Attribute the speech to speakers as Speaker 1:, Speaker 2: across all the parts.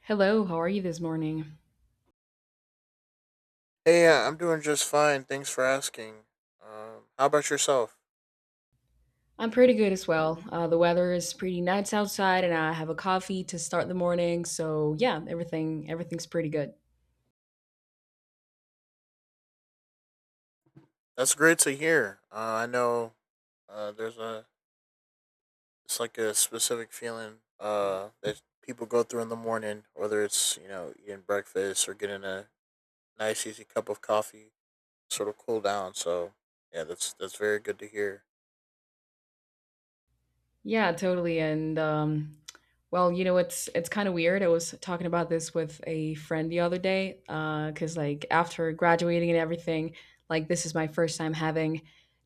Speaker 1: Hello, how are you this morning?
Speaker 2: Hey, yeah, I'm doing just fine. Thanks for asking. How about yourself?
Speaker 1: I'm pretty good as well. The weather is pretty nice outside, and I have a coffee to start the morning. So yeah, everything's pretty good.
Speaker 2: That's great to hear. I know there's a it's like a specific feeling that people go through in the morning, whether it's eating breakfast or getting a nice easy cup of coffee, sort of cool down. So yeah, that's very good to hear.
Speaker 1: Yeah, totally. And it's kind of weird. I was talking about this with a friend the other day, because like after graduating and everything, like this is my first time having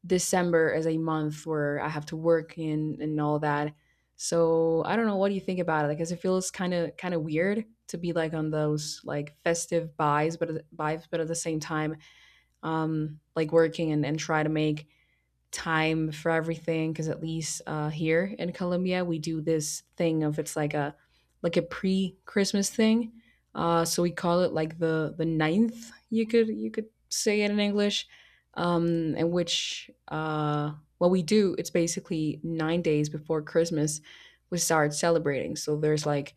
Speaker 1: December as a month where I have to work and all that. So I don't know. What do you think about it? Like, 'cause it feels kind of weird to be like on those like festive buys, but but at the same time, like working and try to make time for everything because at least here in Colombia we do this thing of it's like a pre Christmas thing. So we call it like the ninth. You could say it in English, um, in which what we do it's basically 9 days before Christmas we start celebrating. So there's like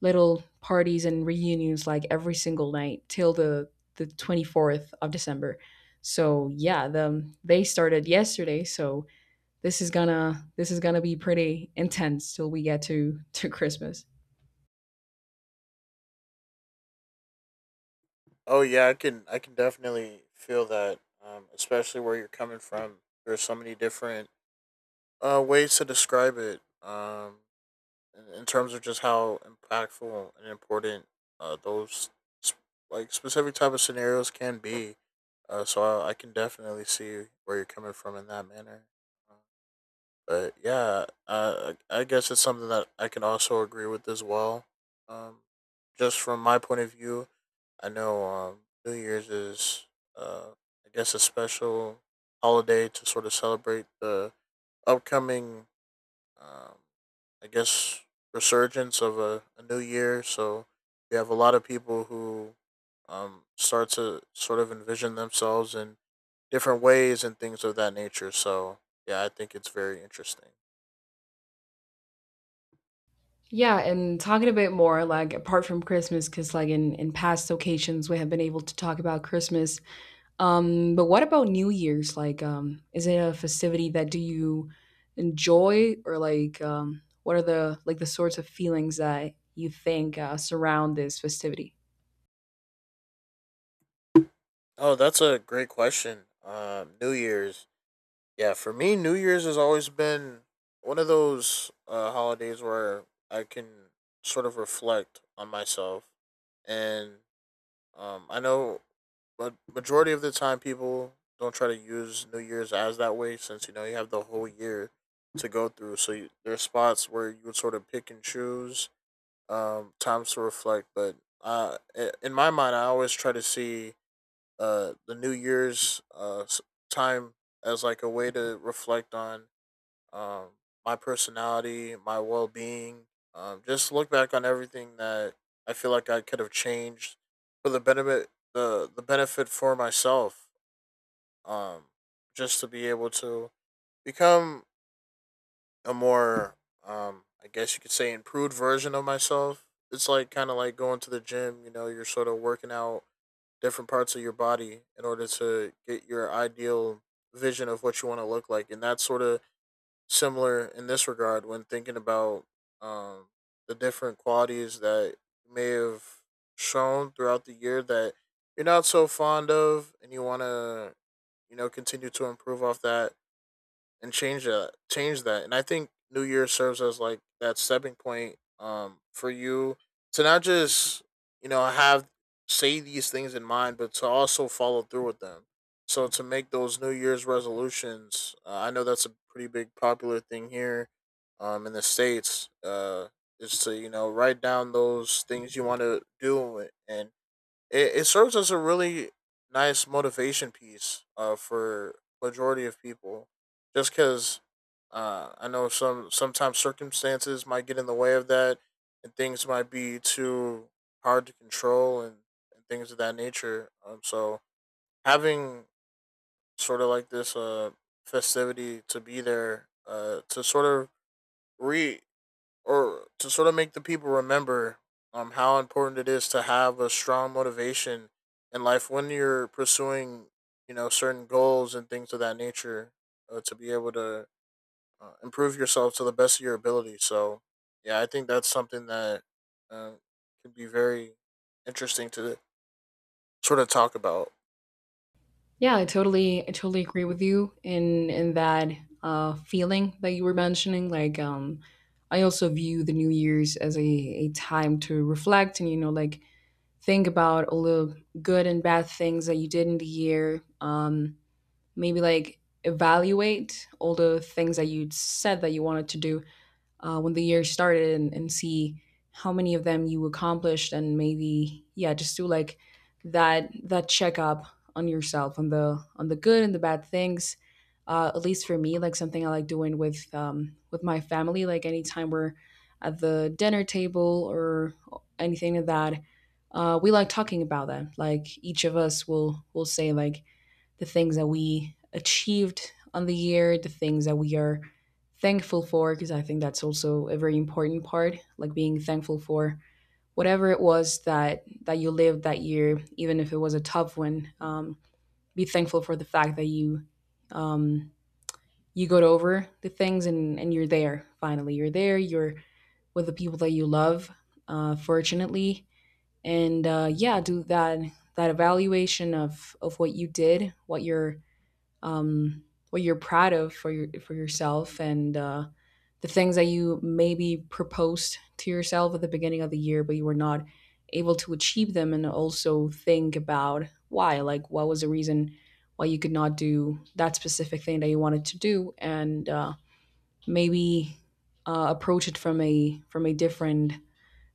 Speaker 1: little parties and reunions like every single night till the 24th of December. So yeah, they started yesterday, so this is gonna be pretty intense till we get to Christmas.
Speaker 2: Oh yeah, I can definitely feel that, especially where you're coming from. There's so many different ways to describe it. Um, in terms of just how impactful and important those sp- like specific type of scenarios can be. So I can definitely see where you're coming from in that manner. Uh, But yeah, I guess it's something that I can also agree with as well. Um, just from my point of view, I know New Year's is, uh, I guess, a special holiday to sort of celebrate the upcoming um, I guess resurgence of a new year. So we have a lot of people who start to sort of envision themselves in different ways and things of that nature. So yeah, I think it's very interesting.
Speaker 1: Yeah, and talking a bit more like apart from Christmas, because like in past occasions we have been able to talk about Christmas. But what about New Year's? Like, is it a festivity that do you enjoy, or like, what are the like the sorts of feelings that you think surround this festivity?
Speaker 2: Oh, that's a great question. New Year's, yeah, for me, New Year's has always been one of those holidays where I can sort of reflect on myself, and I know majority of the time people don't try to use New Year's as that way, since you have the whole year to go through. So you, there are spots where you would sort of pick and choose times to reflect. But uh, in my mind, I always try to see the New Year's time as like a way to reflect on um, my personality, my well being. Just look back on everything that I feel like I could have changed for the benefit the benefit for myself. Um, just to be able to become a more I guess you could say improved version of myself. It's like kind of like going to the gym. You know, you're sort of working out different parts of your body in order to get your ideal vision of what you want to look like, and that's sort of similar in this regard when thinking about um, the different qualities that you may have shown throughout the year that you're not so fond of and you want to continue to improve off that and change that. And I think new year serves as like that stepping point for you to not just have say these things in mind but to also follow through with them, so to make those new year's resolutions. I know that's a pretty big popular thing here in the states. Is to write down those things you want to do, and it serves as a really nice motivation piece for majority of people, just because I know sometimes circumstances might get in the way of that, and things might be too hard to control, and things of that nature. So having sort of like this festivity to be there to sort of re or to sort of make the people remember how important it is to have a strong motivation in life when you're pursuing certain goals and things of that nature, to be able to improve yourself to the best of your ability. So yeah, I think that's something that uh, could be very interesting to sort of talk about.
Speaker 1: Yeah, I totally agree with you in that feeling that you were mentioning. Like, I also view the New Year's as a time to reflect and you know, like think about all the good and bad things that you did in the year. Maybe like evaluate all the things that you said that you wanted to do when the year started and see how many of them you accomplished and maybe yeah just do like that checkup on yourself on the good and the bad things, at least for me like something I like doing with my family like anytime we're at the dinner table or anything of that. We like talking about that like each of us will say like the things that we achieved on the year, the things that we are thankful for, because I think that's also a very important part, like being thankful for whatever it was that you lived that year, even if it was a tough one. Be thankful for the fact that you, um, you got over the things and you're there. Finally, you're there. You're with the people that you love, fortunately, and yeah, do that evaluation of what you did, what your, um, what you're proud of for your for yourself and, the things that you maybe proposed to yourself at the beginning of the year, but you were not able to achieve them, and also think about why, like what was the reason why you could not do that specific thing that you wanted to do, and maybe approach it from a different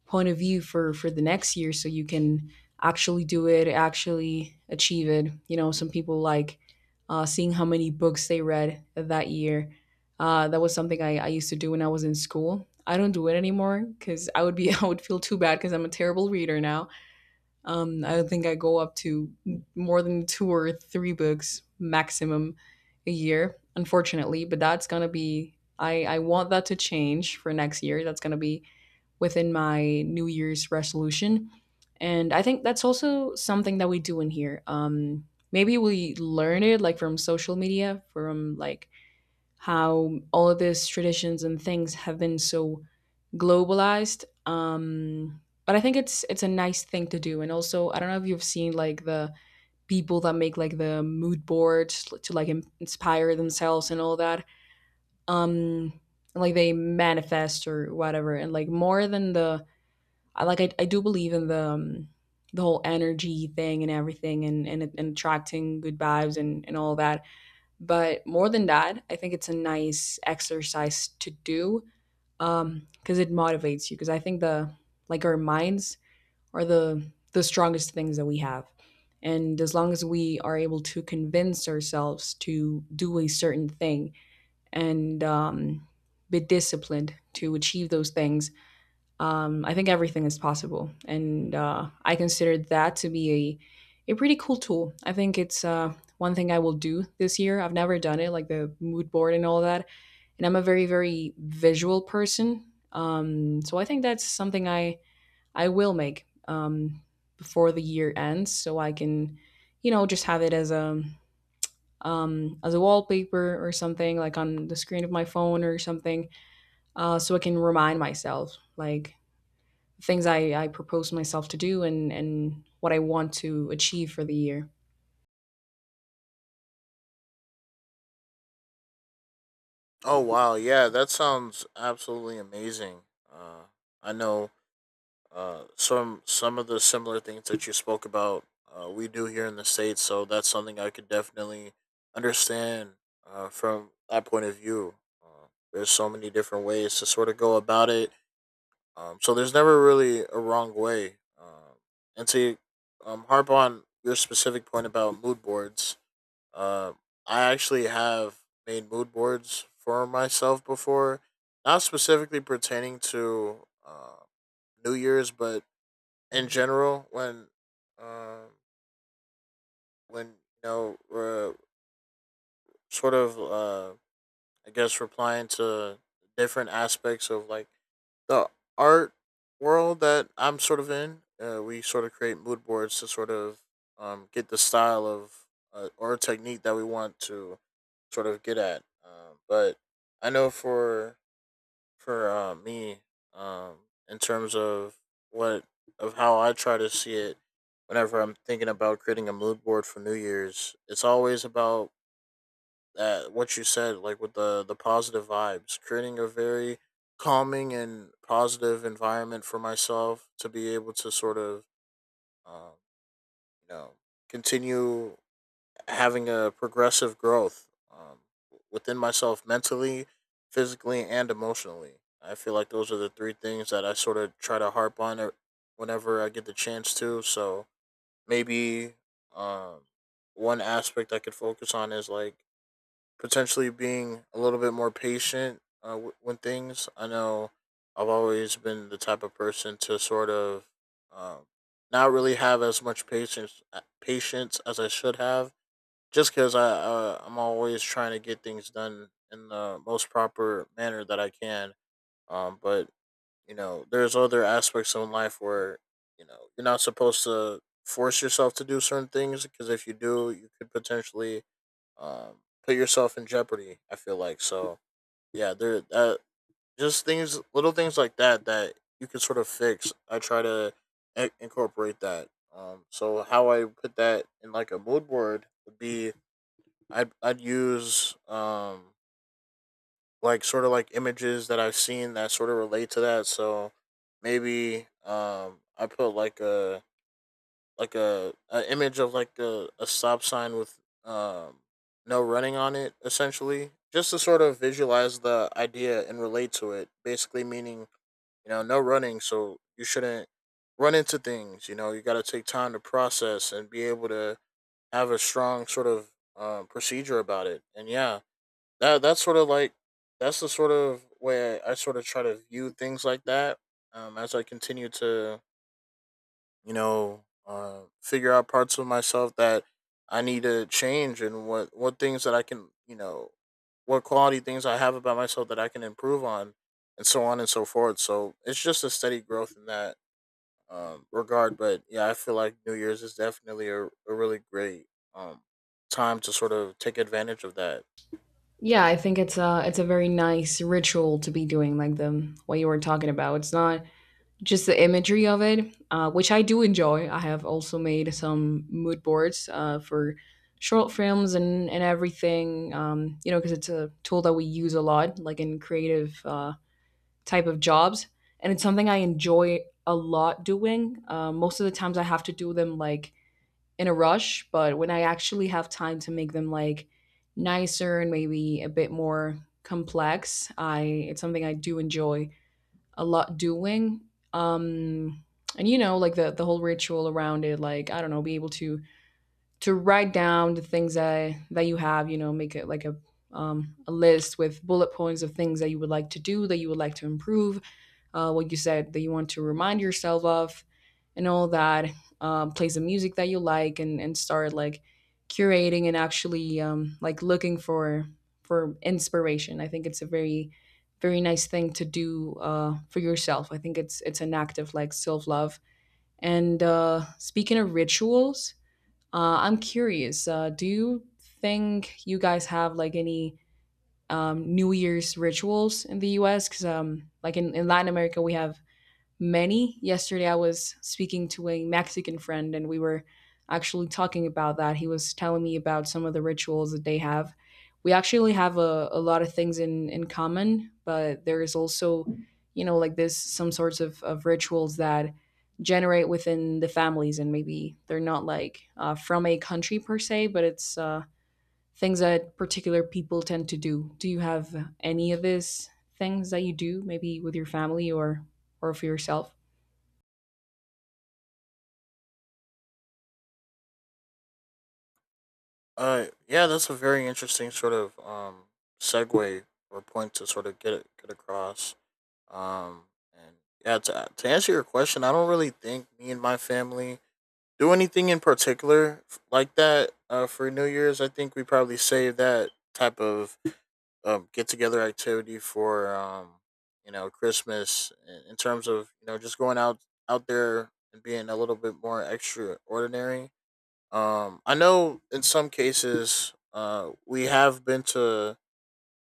Speaker 1: point of view for the next year so you can actually do it, actually achieve it. You know, some people like seeing how many books they read that year. That was something I used to do when I was in school. I don't do it anymore because I would be I would feel too bad because I'm a terrible reader now. I don't think I go up to more than two or three books maximum a year, unfortunately, but that's gonna be, I want that to change for next year. That's gonna be within my New Year's resolution. And I think that's also something that we do in here. Maybe we learn it like from social media, from like how all of these traditions and things have been so globalized. But I think it's a nice thing to do. And also, I don't know if you've seen like the people that make like the mood boards to like inspire themselves and all that. Um, like they manifest or whatever, and like more than the, I do believe in the, the whole energy thing and everything and attracting good vibes and all that. But more than that, I think it's a nice exercise to do, because it motivates you, because I think the like our minds are the strongest things that we have. And as long as we are able to convince ourselves to do a certain thing and, be disciplined to achieve those things, I think everything is possible, and I consider that to be a pretty cool tool. I think it's one thing I will do this year. I've never done it, like the mood board and all that. And I'm a very visual person, so I think that's something I will make, before the year ends, so I can, you know, just have it as a, as a wallpaper or something, like on the screen of my phone or something, so I can remind myself, like things I propose myself to do and what I want to achieve for the year.
Speaker 2: Oh wow, yeah, that sounds absolutely amazing. uh, I know some of the similar things that you spoke about, we do here in the states, so that's something I could definitely understand from that point of view. There's so many different ways to sort of go about it, so there's never really a wrong way. And to harp on your specific point about mood boards, uh, I actually have made mood boards for myself before, not specifically pertaining to New Year's, but in general when um when you know we're sort of I guess replying to different aspects of like the art world that I'm sort of in. We sort of create mood boards to sort of get the style of or technique that we want to sort of get at. But I know for me, um, in terms of what of how I try to see it whenever I'm thinking about creating a mood board for New Year's, it's always about that what you said, like with the positive vibes, creating a very calming and positive environment for myself to be able to sort of um, you know continue having a progressive growth, within myself mentally, physically, and emotionally. I feel like those are the three things that I sort of try to harp on whenever I get the chance to. So maybe um, one aspect I could focus on is like potentially being a little bit more patient when things. I know I've always been the type of person to sort of um, not really have as much patience as I should have, just because I I'm always trying to get things done in the most proper manner that I can. But you know, there's other aspects in life where you know you're not supposed to force yourself to do certain things, because if you do, you could potentially put yourself in jeopardy, I feel like. So yeah, there just things, little things like that that you can sort of fix. I try to incorporate that. So how I put that in like a mood board would be I'd use like sort of like images that I've seen that sort of relate to that. So maybe I put like a image of like a stop sign with no running on it, essentially just to sort of visualize the idea and relate to it, basically meaning no running, so you shouldn't run into things. You know, you got to take time to process and be able to have a strong sort of procedure about it. And yeah, that's sort of like that's the sort of way I sort of try to view things like that, as I continue to figure out parts of myself that I need to change, and what things that I can what quality things I have about myself that I can improve on, and so on and so forth. So it's just a steady growth in that regard. But yeah, I feel like New Year's is definitely a really great um, time to sort of take advantage of that.
Speaker 1: Yeah, I think it's a very nice ritual to be doing, like the what you were talking about. It's not just the imagery of it, which I do enjoy. I have also made some mood boards for short films and everything. You know, because it's a tool that we use a lot, like in creative type of jobs, and it's something I enjoy a lot doing. Most of the times, I have to do them like in a rush, but when I actually have time to make them like nicer and maybe a bit more complex, I, it's something I do enjoy a lot doing. Um and you know, like the whole ritual around it, like I don't know, be able to write down the things that you have, you know, make it like a, a list with bullet points of things that you would like to do, that you would like to improve, what you said that you want to remind yourself of and all that, play some music that you like and start like curating and actually, like looking for inspiration. I think it's a very very nice thing to do for yourself. I think it's an act of like self-love, and speaking of rituals, I'm curious, do you think you guys have like any, New Year's rituals in the US? Because like in Latin America we have many. Yesterday, I was speaking to a Mexican friend, and we were actually talking about that. He was telling me about some of the rituals that they have. We actually have a lot of things in common, but there is also, you know, like this, some sorts of rituals that generate within the families, and maybe they're not like from a country per se, but it's things that particular people tend to do. Do you have any of these things that you do, maybe with your family or for yourself?
Speaker 2: Yeah, that's a very interesting sort of segue or point to sort of get across. Um, and yeah, to answer your question, I don't really think me and my family do anything in particular like that. For New Year's, I think we probably save that type of get together activity for you know Christmas, in terms of you know just going out there and being a little bit more extraordinary. I know in some cases, we have been to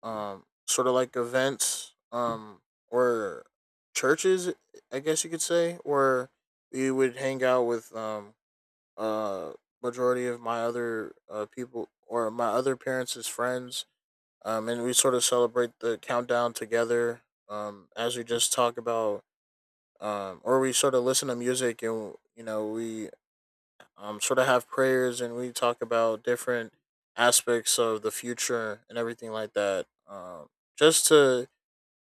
Speaker 2: sort of like events, or churches, I guess you could say, where we would hang out with uh majority of my other people or my other parents' friends, and we sort of celebrate the countdown together, as we just talk about, or we sort of listen to music, and you know we sort of have prayers and we talk about different aspects of the future and everything like that. Just to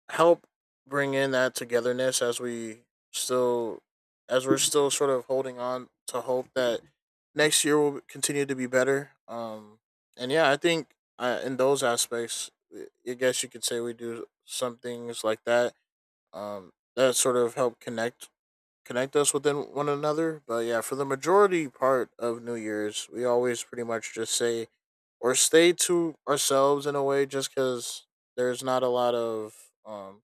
Speaker 2: help bring in that togetherness as we still, as we're still sort of holding on to hope that next year will continue to be better. And yeah, I think in those aspects, I guess you could say we do some things like that, that sort of help connect us within one another. But yeah, for the majority part of New Year's, we always pretty much just say or stay to ourselves in a way, just because there's not a lot of, um,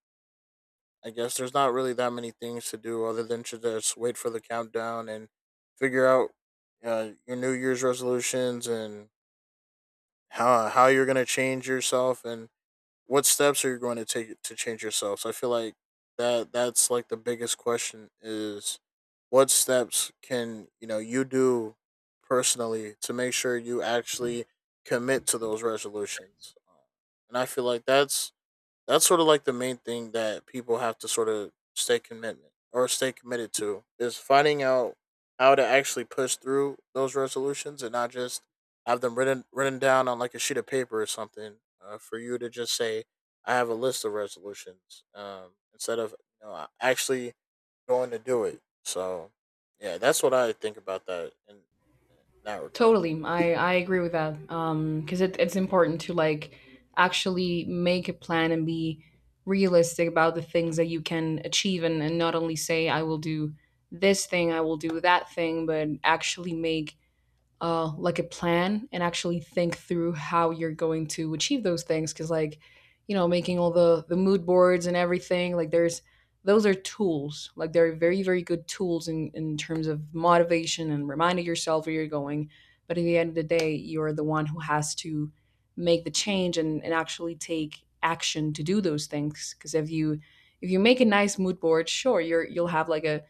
Speaker 2: I guess there's not really that many things to do other than to just wait for the countdown and figure out your New Year's resolutions, and how you're gonna change yourself, and what steps are you going to take to change yourself? So I feel like that's like the biggest question is what steps can you do personally to make sure you actually commit to those resolutions? And I feel like that's sort of like the main thing that people have to sort of stay commitment or stay committed to is finding out how to actually push through those resolutions and not just have them written down on like a sheet of paper or something for you to just say I have a list of resolutions instead of actually going to do it. So yeah, that's what I think about that in that regard.
Speaker 1: Totally. I agree with that. Because it's important to like actually make a plan and be realistic about the things that you can achieve and not only say, I will do this thing, I will do that thing, but actually make, like a plan and actually think through how you're going to achieve those things. Because like, you know, making all the mood boards and everything, like there's those are tools, like they're very very good tools in terms of motivation and reminding yourself where you're going, but at the end of the day you're the one who has to make the change and actually take action to do those things. Because if you, if you make a nice mood board, sure, you're, you'll have like a,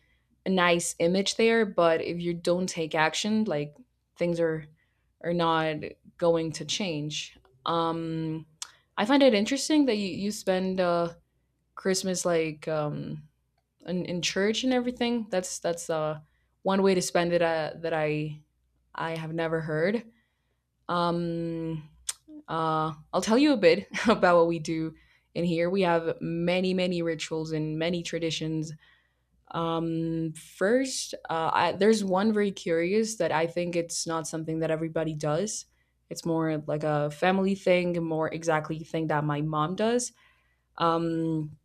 Speaker 1: a nice image there, but if you don't take action, like things are not going to change. Um, I find it interesting that you spend Christmas like, in church and everything. That's one way to spend it that I have never heard. Um, I'll tell you a bit about what we do in here. We have many rituals and many traditions, first, there's one very curious that I think it's not something that everybody does. It's more like a family thing, more exactly thing that my mom does. Um,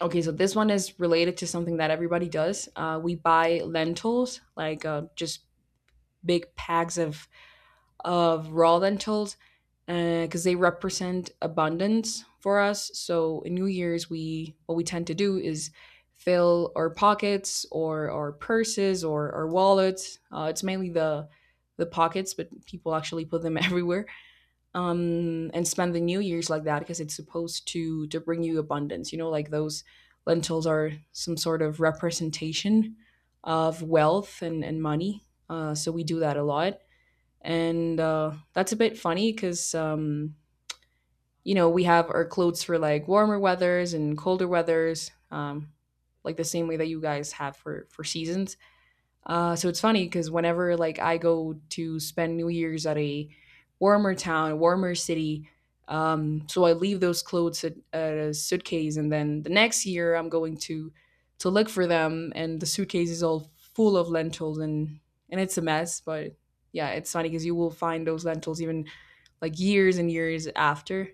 Speaker 1: okay, so this one is related to something that everybody does. We buy lentils, like just big packs of raw lentils because they represent abundance for us. So in New Year's, we what we tend to do is fill our pockets or our purses or our wallets. It's mainly the pockets, but people actually put them everywhere, and spend the New Year's like that because it's supposed to bring you abundance. You know, like those lentils are some sort of representation of wealth and money. So we do that a lot, and that's a bit funny because, you know, we have our clothes for like warmer weathers and colder weathers, like the same way that you guys have for seasons. So it's funny because whenever like I go to spend New Year's at a warmer town, a warmer city, so I leave those clothes at a suitcase, and then the next year I'm going to look for them, and the suitcase is all full of lentils, and it's a mess. But yeah, it's funny because you will find those lentils even like years and years after.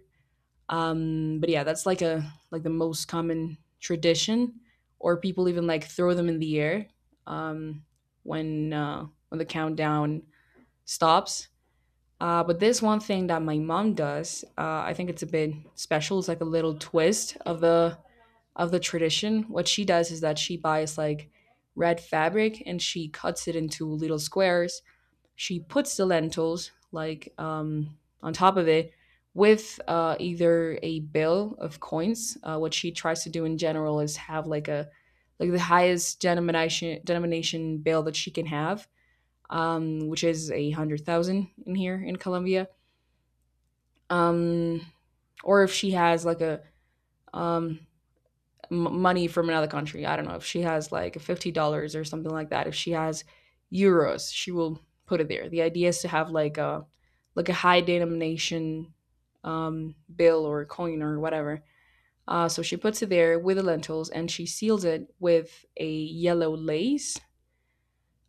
Speaker 1: But yeah, that's like a like the most common tradition, or people even like throw them in the air, um, when the countdown stops. But there's one thing that my mom does. I think it's a bit special. It's like a little twist of the tradition. What she does is that she buys like red fabric and she cuts it into little squares. She puts the lentils like, on top of it with, either a bill of coins. What she tries to do in general is have like a like the highest denomination bill that she can have, which is a hundred thousand in here in Colombia. Um, or if she has like a, um, money from another country. I don't know if she has like $50 or something like that. If she has euros, she will put it there. The idea is to have like a high denomination, bill or coin or whatever. So she puts it there with the lentils and she seals it with a yellow lace,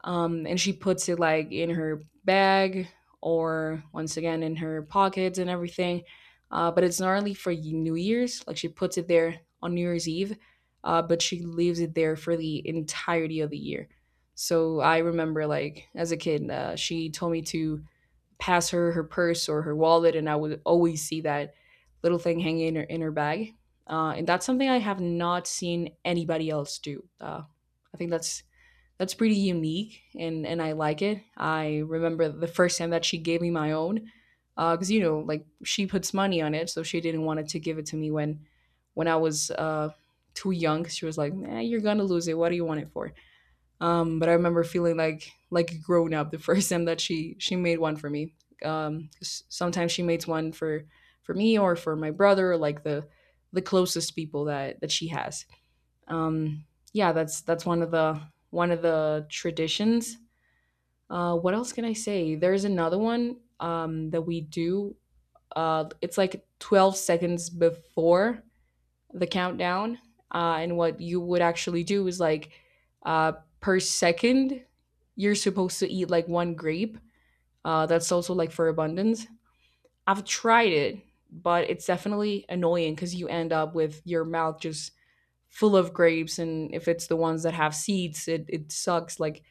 Speaker 1: and she puts it like in her bag or once again in her pockets and everything. But it's not only for New Year's, like she puts it there on New Year's Eve, but she leaves it there for the entirety of the year. So I remember, like as a kid, she told me to pass her purse or her wallet, and I would always see that little thing hanging in her bag. And that's something I have not seen anybody else do. I think that's pretty unique, and I like it. I remember the first time that she gave me my own, because you know like she puts money on it, so she didn't want it to give it to me when I was too young. She was like, "Nah, you're gonna lose it. What do you want it for?" But I remember feeling like a grown up the first time that she made one for me. 'Cause sometimes she makes one for me or for my brother, or like the closest people that she has. Um, yeah, that's one of the traditions. What else can I say? There's another one that we do. It's like 12 seconds before the countdown, and what you would actually do is like, uh, per second, you're supposed to eat like one grape. That's also like for abundance. I've tried it, but it's definitely annoying because you end up with your mouth just full of grapes, and if it's the ones that have seeds, it sucks. Like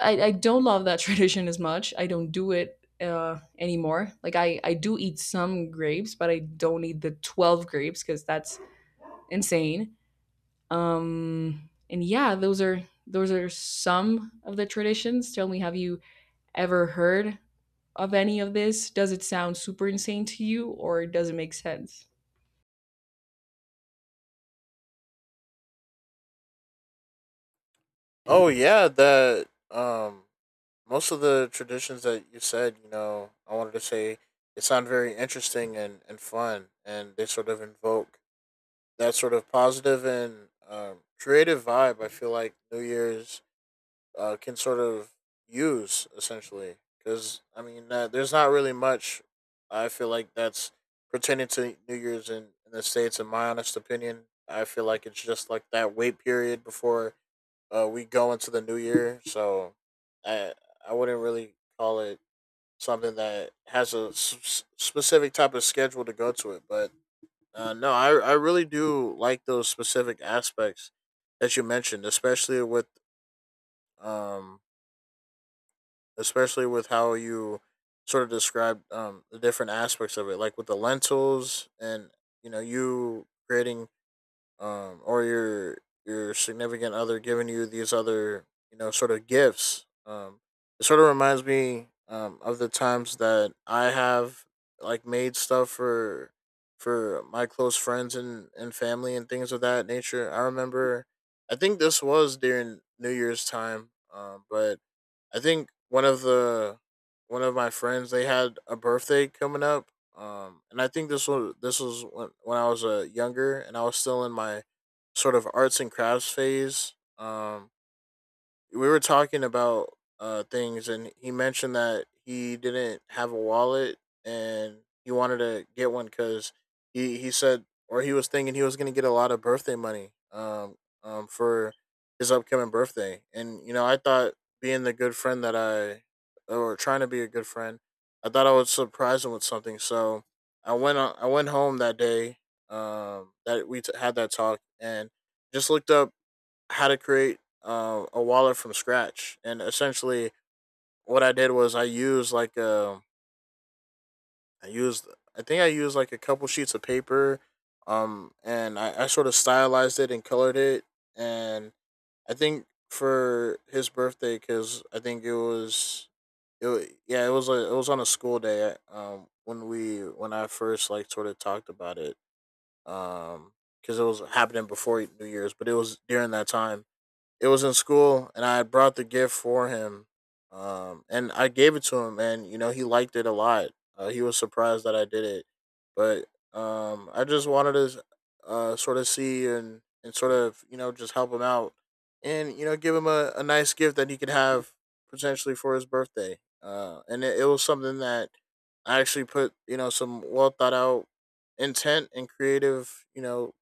Speaker 1: I don't love that tradition as much. I don't do it anymore. Like I do eat some grapes, but I don't eat the 12 grapes because that's insane. And yeah, those are some of the traditions. Tell me, have you ever heard of any of this? Does it sound super insane to you, or does it make sense?
Speaker 2: Oh yeah, that most of the traditions that you said, I wanted to say they sound very interesting and fun, and they sort of invoke that sort of positive and creative vibe. I feel like New Year's can sort of use essentially because I mean, there's not really much. I feel like that's pertaining to New Year's in the states. In my honest opinion, I feel like it's just like that wait period before we go into the new year, so I I wouldn't really call it something that has a specific type of schedule to go to it. But no, I really do like those specific aspects that you mentioned, um especially with how you sort of described the different aspects of it, like with the lentils and you creating or your significant other giving you these other sort of gifts. It sort of reminds me of the times that I have like made stuff for my close friends and family and things of that nature. I remember, I think this was during New Year's time, but I think one of my friends they had a birthday coming up, and I think this was when I was younger and I was still in my sort of arts and crafts phase. We were talking about things and he mentioned that he didn't have a wallet and he wanted to get one because he said or he was thinking he was going to get a lot of birthday money for his upcoming birthday. And I thought, being the good friend that I, or trying to be a good friend, I thought I would surprise him with something. So I went home that day that we had that talk and just looked up how to create a wallet from scratch. And essentially, what I did was I used, I think I used like a couple sheets of paper, and I sort of stylized it and colored it. And I think for his birthday, because I think it was, it wa- yeah, it was it was on a school day. When we when I first like sort of talked about it, um, because it was happening before New Year's, but it was during that time it was in school and I had brought the gift for him. And I gave it to him and, you know, he liked it a lot. He was surprised that I did it. But I just wanted to sort of see and sort of, you know, just help him out and, you know, give him a nice gift that he could have potentially for his birthday. And it, it was something that I actually put, you know, some well thought out intent and creative, you know,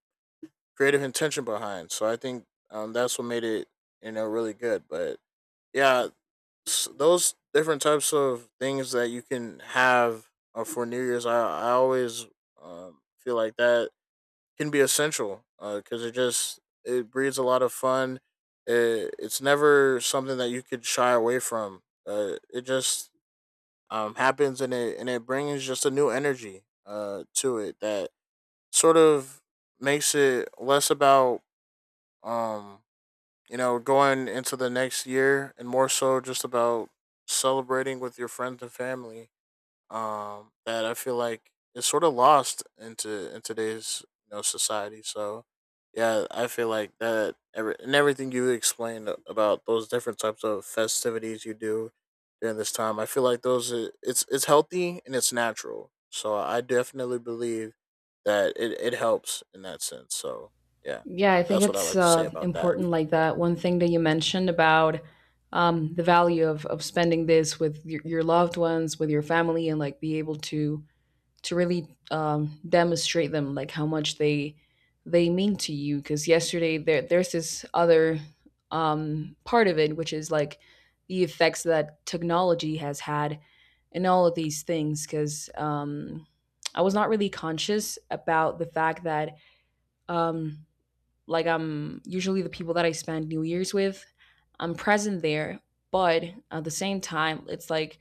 Speaker 2: creative intention behind. So I think that's what made it, you know, really good. But yeah, those different types of things that you can have for New Year's, I always feel like that can be essential because it just it breeds a lot of fun. It, it's never something that you could shy away from. It just happens and it brings just a new energy to it that sort of makes it less about um you know, going into the next year and more so just about celebrating with your friends and family that I feel like is sort of lost into in today's you know society. So yeah, I feel like that every, and everything you explained about those different types of festivities you do during this time, I feel like those are, it's healthy and it's natural. So I definitely believe that it helps in that sense. So yeah,
Speaker 1: Yeah, I think
Speaker 2: that's what I
Speaker 1: it's
Speaker 2: like to say about that.
Speaker 1: important like that. One thing that you mentioned about, the value of, spending this with your, loved ones, with your family, and like be able to really, demonstrate them like how much they mean to you, because yesterday there's this other, part of it, which is like the effects that technology has had in all of these things, because I was not really conscious about the fact that, um, like I'm usually the people that I spend New Year's with, I'm present there, but at the same time, it's like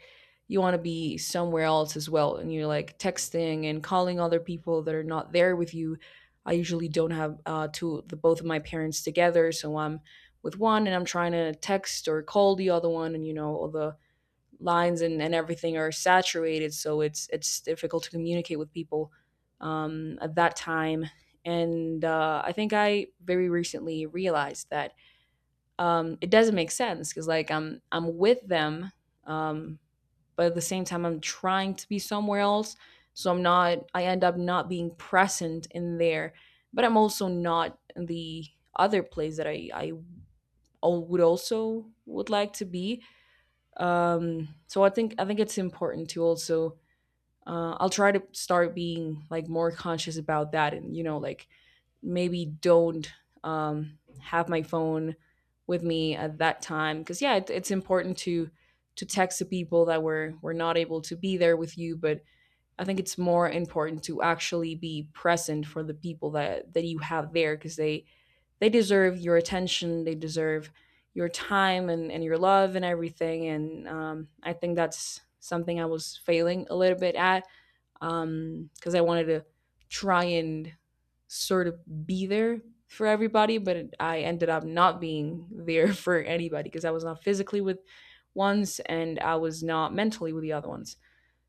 Speaker 1: you want to be somewhere else as well. And you're like texting and calling other people that are not there with you. I usually don't have, the both of my parents together, so I'm with one and I'm trying to text or call the other one, and you know all the lines and, everything are saturated, so it's difficult to communicate with people, at that time. And I think I very recently realized that, it doesn't make sense because like I'm with them, um, but at the same time I'm trying to be somewhere else, so I'm not. I end up not being present in there, but I'm also not in the other place that I would also would like to be. So I think it's important to also. I'll try to start being like more conscious about that, and you know, like maybe don't, have my phone with me at that time, because yeah, it, it's important to text the people that were not able to be there with you, but I think it's more important to actually be present for the people that you have there, because they deserve your attention. They deserve your time, and, your love, and everything. And I think that's something I was failing a little bit at, because I wanted to try and sort of be there for everybody, but I ended up not being there for anybody, because I was not physically with ones and I was not mentally with the other ones.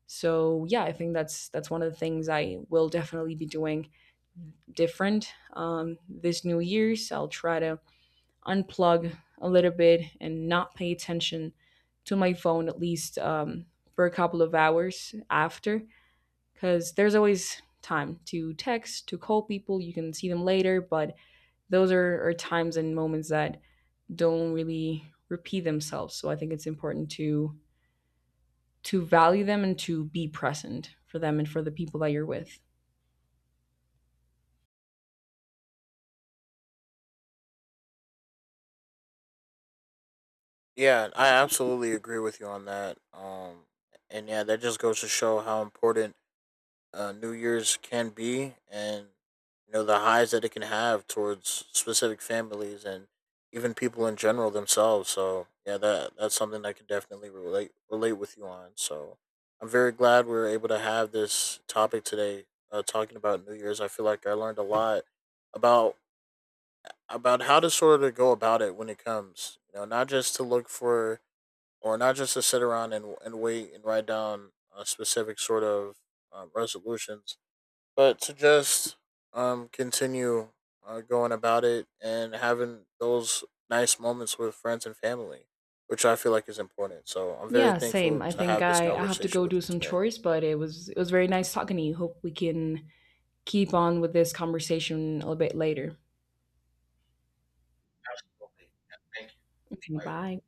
Speaker 1: So yeah, I think that's one of the things I will definitely be doing different. This New Year's I'll try to unplug a little bit and not pay attention to my phone, at least, for a couple of hours after, because there's always time to text, to call people. You can see them later, but those are times and moments that don't really repeat themselves. So I think it's important to value them and to be present for them and for the people that you're with.
Speaker 2: Yeah, I absolutely agree with you on that. And yeah, that just goes to show how important New Year's can be, and you know the highs that it can have towards specific families and even people in general themselves. So yeah, that that's something I can definitely relate with you on. So I'm very glad we were able to have this topic today, talking about New Year's. I feel like I learned a lot about about how to sort of go about it when it comes. You know, not just to look for or not just to sit around and wait and write down a specific sort of resolutions, but to just continue going about it and having those nice moments with friends and family, which I feel like is important. So I'm very
Speaker 1: Yeah, same.
Speaker 2: thankful
Speaker 1: I
Speaker 2: to
Speaker 1: think
Speaker 2: have this
Speaker 1: I have to
Speaker 2: conversation
Speaker 1: go
Speaker 2: with
Speaker 1: do
Speaker 2: you
Speaker 1: some
Speaker 2: today.
Speaker 1: chores, but it was very nice talking to you. Hope we can keep on with this conversation a little bit later. Okay, bye.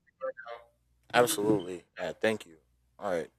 Speaker 2: Absolutely, yeah. Thank you. All right.